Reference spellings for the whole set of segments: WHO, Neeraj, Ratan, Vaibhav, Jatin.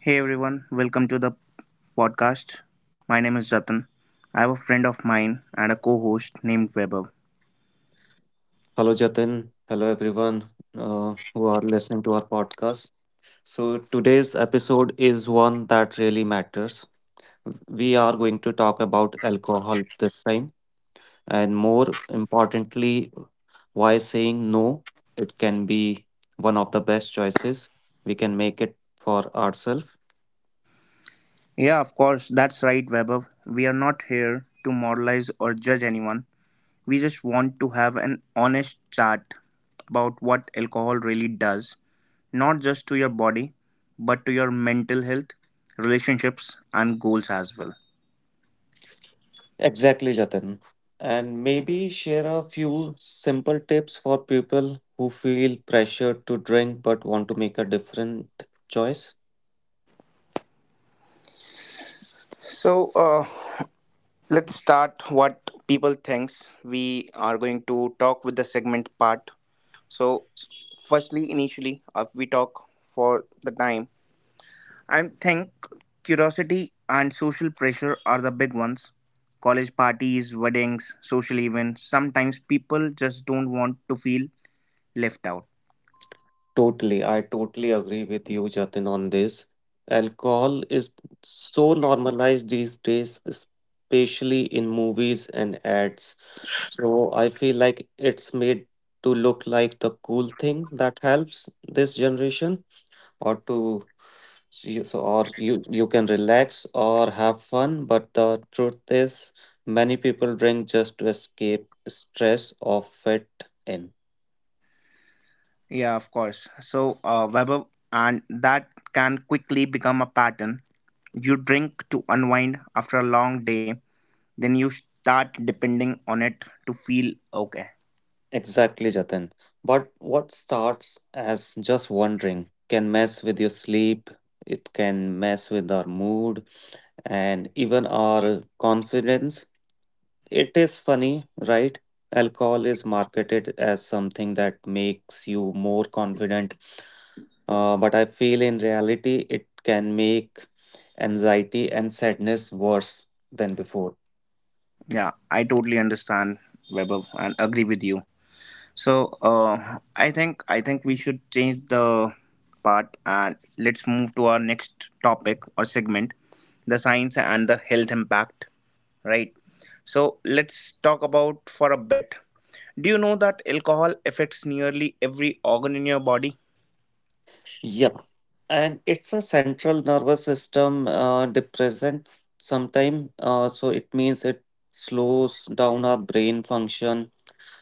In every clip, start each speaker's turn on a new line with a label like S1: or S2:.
S1: Hey everyone, welcome to the podcast. My name is Ratan. I have a friend of mine and a co host named Vaibhav.
S2: Hello, Jatin. Hello, everyone who are listening to our podcast. So, today's episode is one that really matters. We are going to talk about alcohol this time, and more importantly, why saying no, it can be one of the best choices we can make it for ourselves.
S1: Yeah, of course, that's right, Vaibhav. We are not here to moralize or judge anyone. We just want to have an honest chat about what alcohol really does, not just to your body, but to your mental health, relationships, and goals as well.
S2: Exactly, Jatin. And maybe share a few simple tips for people who feel pressured to drink but want to make a different choice.
S1: So, uh, let's start what people thinks we are going to talk with the segment part. So, firstly, initially, if we talk for the time, I think curiosity and social pressure are the big ones. College parties, weddings, social events. Sometimes people just don't want to feel left out.
S2: Totally, I totally agree with you, Jatin, on this. Alcohol is so normalized these days, especially in movies and ads. So I feel like it's made to look like the cool thing that helps this generation, or to or you can relax or have fun. But the truth is, many people drink just to escape stress or fit in.
S1: Yeah, of course. Weber, and that can quickly become a pattern. You drink to unwind after a long day, then you start depending on it to feel okay.
S2: Exactly, Jatin. But what starts as just wondering can mess with your sleep, it can mess with our mood and even our confidence. It is funny, right? Alcohol is marketed as something that makes you more confident, but I feel in reality it can make anxiety and sadness worse than before.
S1: Yeah, I totally understand, Weber, and agree with you. I think we should change the part and let's move to our next topic or segment, the science and the health impact. Right. So let's talk about for a bit. Do you know that alcohol affects nearly every organ in your body?
S2: Yup. And it's a central nervous system depressant sometime so it means it slows down our brain function,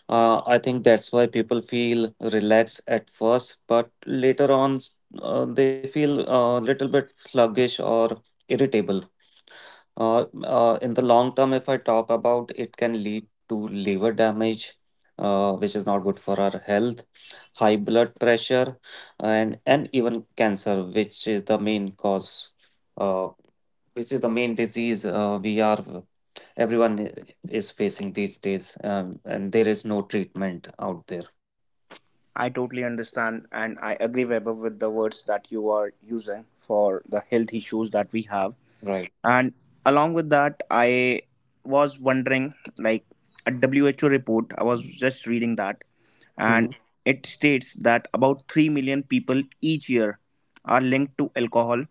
S2: I think that's why people feel relaxed at first, but later on they feel a little bit sluggish or irritable. In the long term, if I talk about, it can lead to liver damage, which is not good for our health, high blood pressure, and even cancer, which is the main cause, uh, which is the main disease we are everyone i- is facing these days, and there is no treatment out there.
S1: I totally understand and I agree Weber with the words that you are using for the health issues that we have.
S2: Right.
S1: And along with that, I was wondering like a who report I was just reading that,
S2: Mm-hmm.
S1: and it states that about 3 million people each year are linked to alcohol.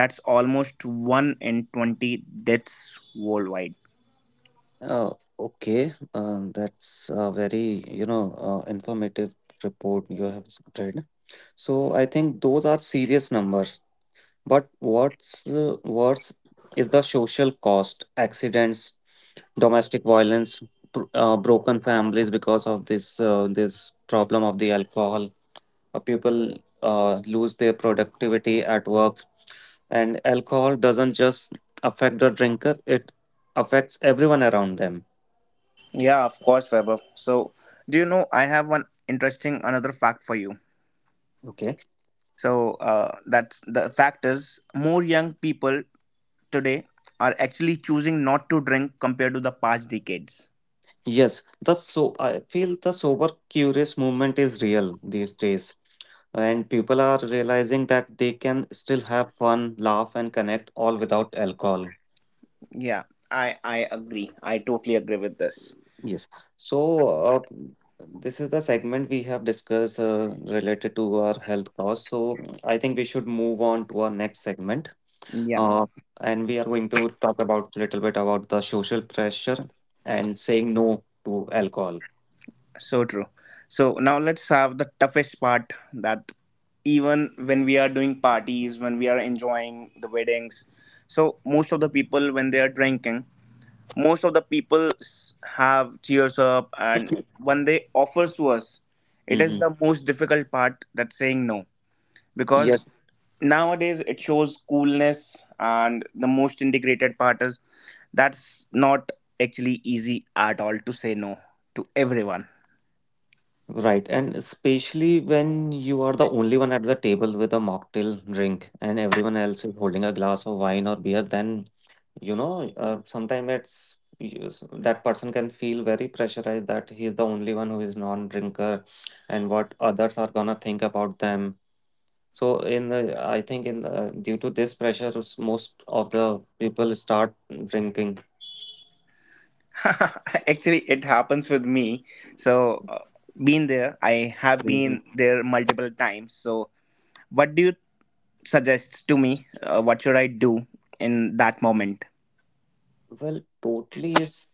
S1: That's almost 1 in 20 deaths worldwide.
S2: Uh, okay, that's a very, you know, informative report you have read. So I think those are serious numbers. But what's worse is the social cost, accidents, domestic violence, broken families because of this this problem of the alcohol. People lose their productivity at work, and alcohol doesn't just affect the drinker; it affects everyone around them.
S1: Yeah, of course, Weber. So do you know I have one interesting another fact for you?
S2: Okay.
S1: That's the fact is more young people today are actually choosing not to drink compared to the past decades.
S2: Yes, the so I feel the sober curious movement is real these days, and people are realizing that they can still have fun, laugh, and connect all without alcohol.
S1: Yeah, I agree. I totally agree with this.
S2: Yes. So, uh, this is the segment we have discussed related to our health costs. So, I think we should move on to our next segment.
S1: Yeah,
S2: Uh, and we are going to talk about little bit about the social pressure and saying no to alcohol.
S1: so true. So now let's have the toughest part that even when we are doing parties, when we are enjoying the weddings, so most of the people when they are drinking, most of the people have cheers up, and when they offers to us, it is
S2: Mm-hmm.
S1: the most difficult part that saying no. Because
S2: Yes,
S1: nowadays it shows coolness and the most integrated part is that's not actually easy at all to say no to everyone.
S2: right. And especially when you are the only one at the table with a mocktail drink and everyone else is holding a glass of wine or beer, then you know, sometimes it's yes, that person can feel very pressurized that he is the only one who is non-drinker and what others are gonna think about them. So in the, I think in the, due to this pressure, most of the people start drinking.
S1: Actually it happens with me. so uh, been there I have
S2: Mhm.
S1: been there multiple times. So what do you suggest to me? What should I do in that moment?
S2: Well, totally is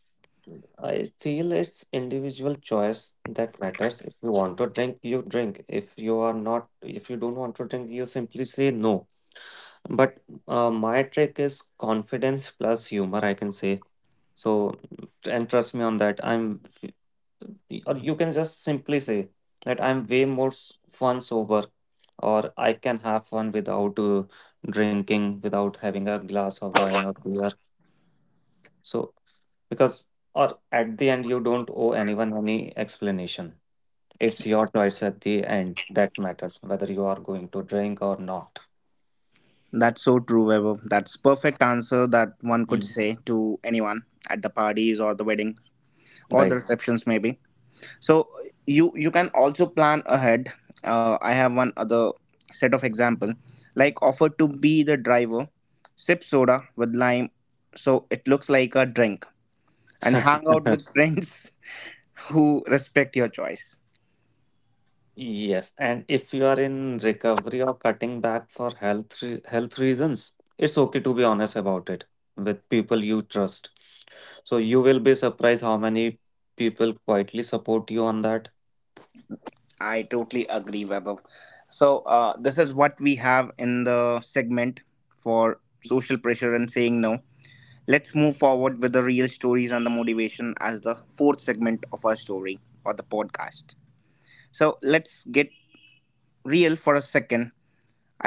S2: I feel it's individual choice that matters. If you want to drink, you drink. If you are not, if you don't want to drink, you simply say no. But my trick is confidence plus humor, I can say. So, and trust me on that. I'm, or you can just simply say that I'm way more fun sober, or I can have fun without drinking, without having a glass of wine or beer. So, because, or at the end, you don't owe anyone any explanation. It's your choice at the end that matters, whether you are going to drink or not.
S1: That's so true, Vaibhav. That's perfect answer that one could
S2: Mm.
S1: say to anyone at the parties or the wedding or the
S2: Right.
S1: receptions maybe. So you can also plan ahead. I have one other set of example, like offer to be the driver, sip soda with lime so it looks like a drink, and hang out with friends who respect your choice.
S2: Yes, and if you are in recovery or cutting back for health reasons, it's okay to be honest about it with people you trust. So you will be surprised how many people quietly support you on that.
S1: I totally agree, Vaibhav. This is what we have in the segment for social pressure and saying no. Let's move forward with the real stories and the motivation as the fourth segment of our story or the podcast. So let's get real for a second.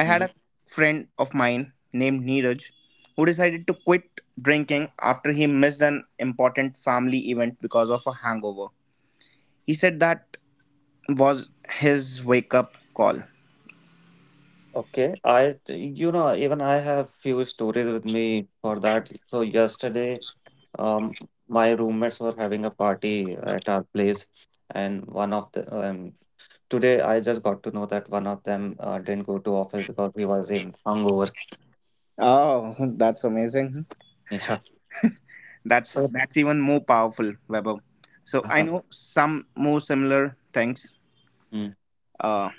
S1: I had
S2: Hmm.
S1: a friend of mine named Neeraj who decided to quit drinking after he missed an important family event because of a hangover. He said that was his wake up call.
S2: Okay, I you know even I have few stories with me for that. So yesterday, um, my roommates were having a party at our place, and one of the today I just got to know that one of them didn't go to office because he was in hungover.
S1: Oh, that's amazing.
S2: Yeah.
S1: That's
S2: So,
S1: that's even more powerful, Weber. So I
S2: uh-huh.
S1: know some more similar things.
S2: Mm.
S1: Uh,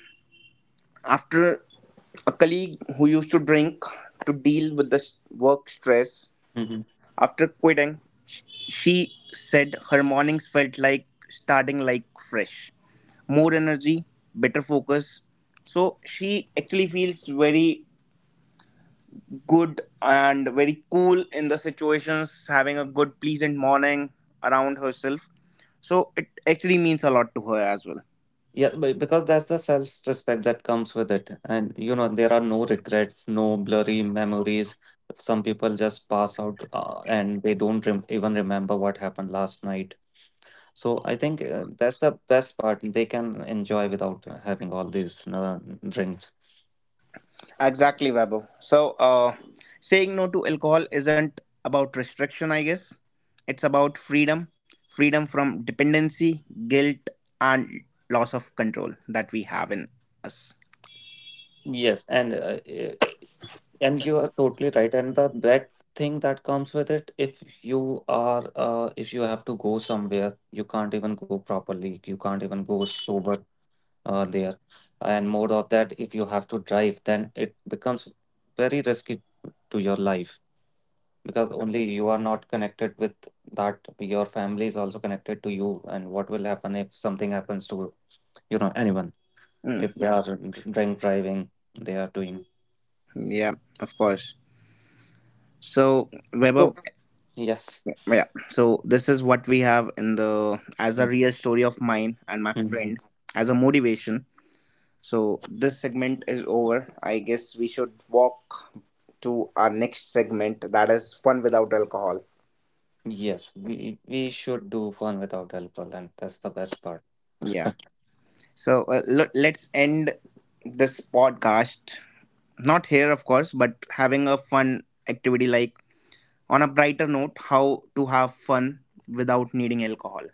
S1: After a colleague who used to drink to deal with the work stress.
S2: Mhm.
S1: After quitting, sh- she said her mornings felt like starting like fresh. More energy, better focus. So she actually feels very good and very cool in the situations, having a good, pleasant morning around herself. So it actually means a lot to her as well.
S2: Yeah, because that's the self-respect that comes with it. And you know, there are no regrets, no blurry memories. Some people just pass out and they don't rem even remember what happened last night. So I think that's the best part. They can enjoy without having all these drinks.
S1: Exactly, Vaibhav. Saying no to alcohol isn't about restriction, I guess. It's about freedom, freedom from dependency, guilt, and loss of control that we have in us.
S2: Yes, and you are totally right. And the that thing that comes with it, if you are, if you have to go somewhere, you can't even go properly. You can't even go sober there. And more of that, if you have to drive, then it becomes very risky to your life, because only you are not connected with that. Your family is also connected to you. And what will happen if something happens to, you know, anyone?
S1: Mm,
S2: If they are drink driving, they are doing.
S1: yeah, of course. So, Vaibhav,
S2: So, yes.
S1: yeah, so this is what we have in the as a
S2: Mm.
S1: real story of mine and my
S2: Mhm.
S1: friend as a motivation. So this segment is over. I guess we should walk to our next segment that is fun without alcohol.
S2: Yes, we should do fun without alcohol, and that's the best part.
S1: Yeah. Let's end this podcast. Not here, of course, but having a fun activity like on a brighter note, how to have fun without needing alcohol.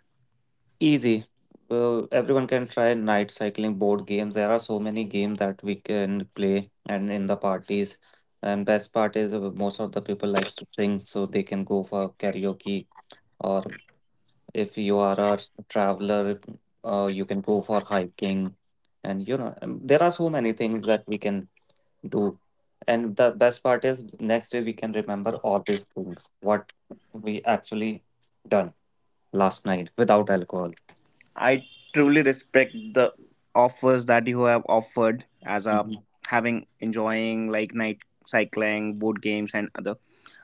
S2: Easy. Everyone can try night cycling, board games. There are so many games that we can play and in the parties. And best part is most of the people likes to sing, so they can go for karaoke. Or if you are a traveler, you can go for hiking. And you know, there are so many things that we can do. And the best part is next day we can remember all these things, what we actually done last night without alcohol.
S1: I truly respect the offers that you have offered as a
S2: Mhm.
S1: having enjoying like night cycling, board games and other.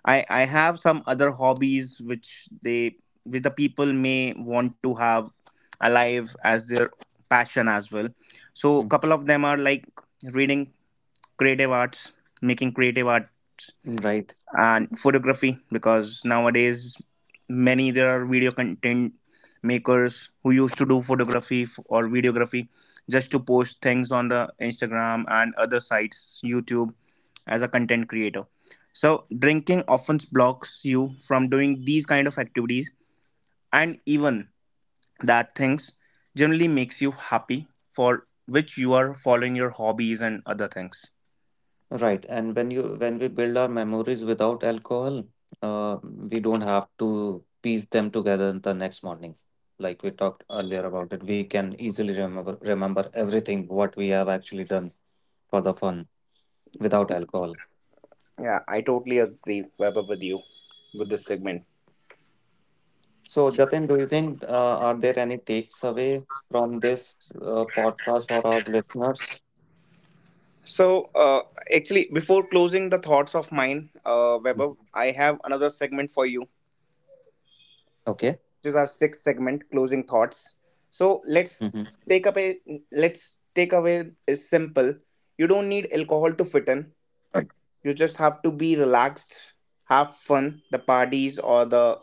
S1: I have some other hobbies which they which the people may want to have alive as their passion as well. So
S2: Mm.
S1: couple of them are like reading, creative arts, making creative art,
S2: Right,
S1: and photography, because nowadays many there are video content makers who used to do photography or videography just to post things on the instagram and other sites youtube as a content creator. So drinking often blocks you from doing these kind of activities, and even that things generally makes you happy for which you are following your hobbies and other things.
S2: right. And when we build our memories without alcohol, uh, we don't have to piece them together the next morning. Like we talked earlier about it, we can easily remember everything what we have actually done for the fun without alcohol.
S1: Yeah, I totally agree, Vaibhav, with you with this segment.
S2: So, Jatin, do you think are there any takes away from this podcast for our listeners?
S1: So, uh, Actually, before closing the thoughts of mine, Weber,
S2: Mhm.
S1: I have another segment for you, which
S2: Okay.
S1: is our sixth segment, closing thoughts.
S2: Hmm.
S1: So let's take up a let's take away is simple. You don't need alcohol to fit in.
S2: Right.
S1: You just have to be relaxed, have fun. The parties or the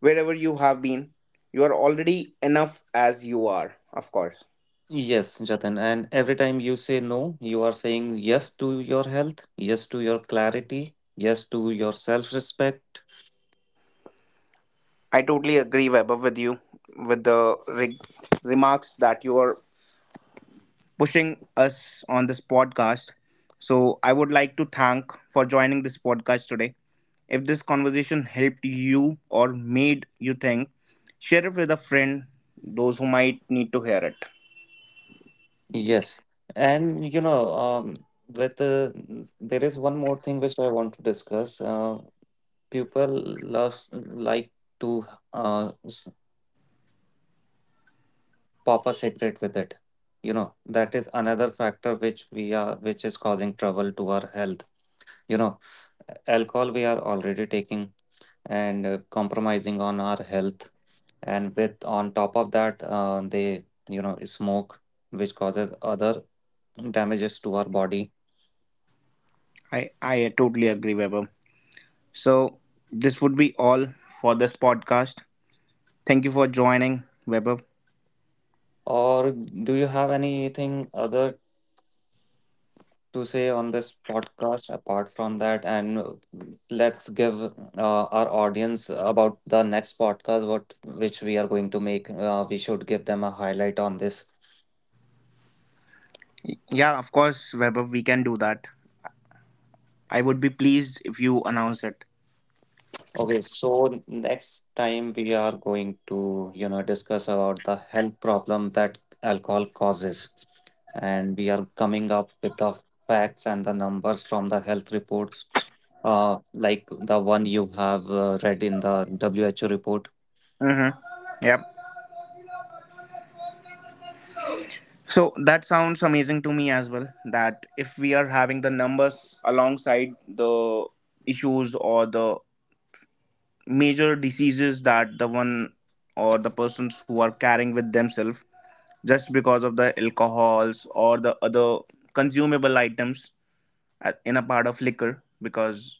S1: wherever you have been, you are already enough as you are. Of course,
S2: Yes, Jatin. And every time you say no, you are saying yes to your health, yes to your clarity, yes to your self-respect.
S1: I totally agree, Weber, with you with the remarks that you are pushing us on this podcast. So I would like to thank for joining this podcast today. If this conversation helped you or made you think, share it with a friend, those who might need to hear it.
S2: Yes. And you know, with there is one more thing which I want to discuss. People loves like to uh, s- pop a cigarette with it. You know, that is another factor which we are which is causing trouble to our health. You know, alcohol we are already taking and compromising on our health, and with on top of that they you know smoke, which causes other damages to our body.
S1: I totally agree, Webber. So this would be all for this podcast. Thank you for joining, Webber.
S2: Or do you have anything other to say on this podcast apart from that, and let's give our audience about the next podcast what which we are going to make. We should give them a highlight on this.
S1: Yeah, of course, Webber. We can do that. I would be pleased if you announce it.
S2: Okay, so next time we are going to you know discuss about the health problem that alcohol causes, and we are coming up with the facts and the numbers from the health reports, like the one you have read in the WHO report.
S1: Mm-hmm. Yep. So that sounds amazing to me as well. That if we are having the numbers alongside the issues or the major diseases that the one or the persons who are carrying with themselves just because of the alcohols or the other consumable items in a part of liquor, because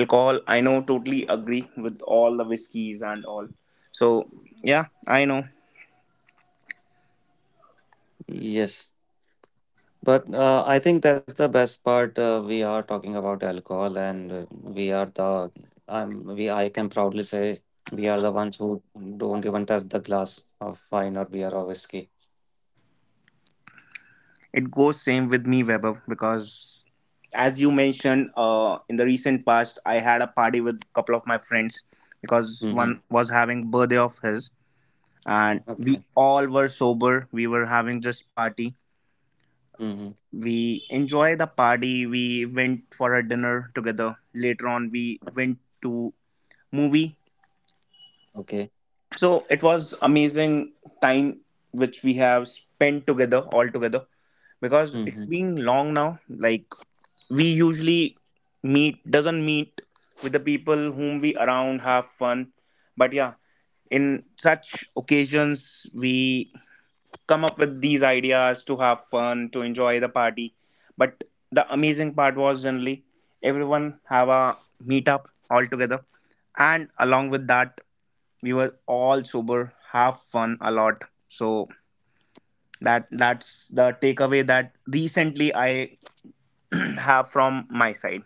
S1: alcohol I know totally agree with all the whiskeys and all. So yeah, I know.
S2: Yes. But I think that's the best part. We are talking about alcohol, and we are the we I can proudly say we are the ones who don't even touch the glass of wine or beer or whiskey.
S1: It goes same with me, Vaibhav, because as you mentioned, in the recent past, I had a party with a couple of my friends because
S2: Mm-hmm.
S1: one was having birthday of his, and
S2: Okay.
S1: we all were sober. We were having just party.
S2: Mm-hmm.
S1: We enjoyed the party. We went for a dinner together. Later on, we went to movie.
S2: Okay.
S1: So it was amazing time which we have spent together all together, because
S2: Mm-hmm.
S1: it's been long now like we usually meet doesn't meet with the people whom we around have fun. But yeah, in such occasions we come up with these ideas to have fun, to enjoy the party, but the amazing part was generally everyone have a meetup all together, and along with that we were all sober, have fun a lot. So that that's the takeaway that recently I have from my side.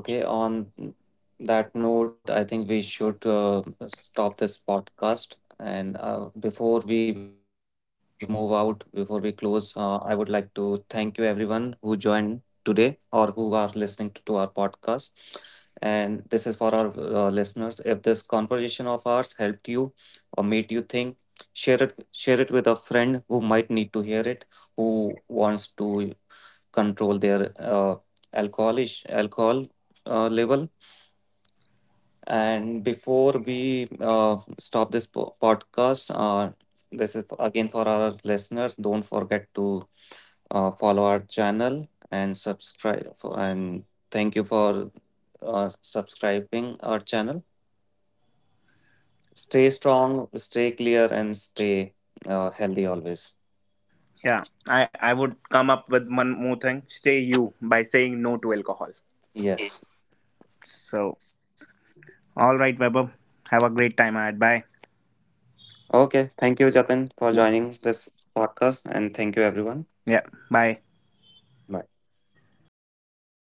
S2: Okay, on that note, I think we should stop this podcast. And before we move out, before we close, I would like to thank you everyone who joined today or who are listening to our podcast. And this is for our listeners. If this conversation of ours helped you or made you think, share it with a friend who might need to hear it, who wants to control their alcohol level. And before we stop this podcast, this is again for our listeners. Don't forget to follow our channel and subscribe. For, and thank you for subscribing our channel. Stay strong, stay clear, and stay healthy always.
S1: Yeah, I would come up with one more thing. Stay you by saying no to alcohol.
S2: Yes.
S1: So, all right, Weber. Have a great time ahead. Bye.
S2: Okay. Thank you, Jatin, for joining this podcast, and thank you, everyone.
S1: Yeah, bye.
S2: Bye.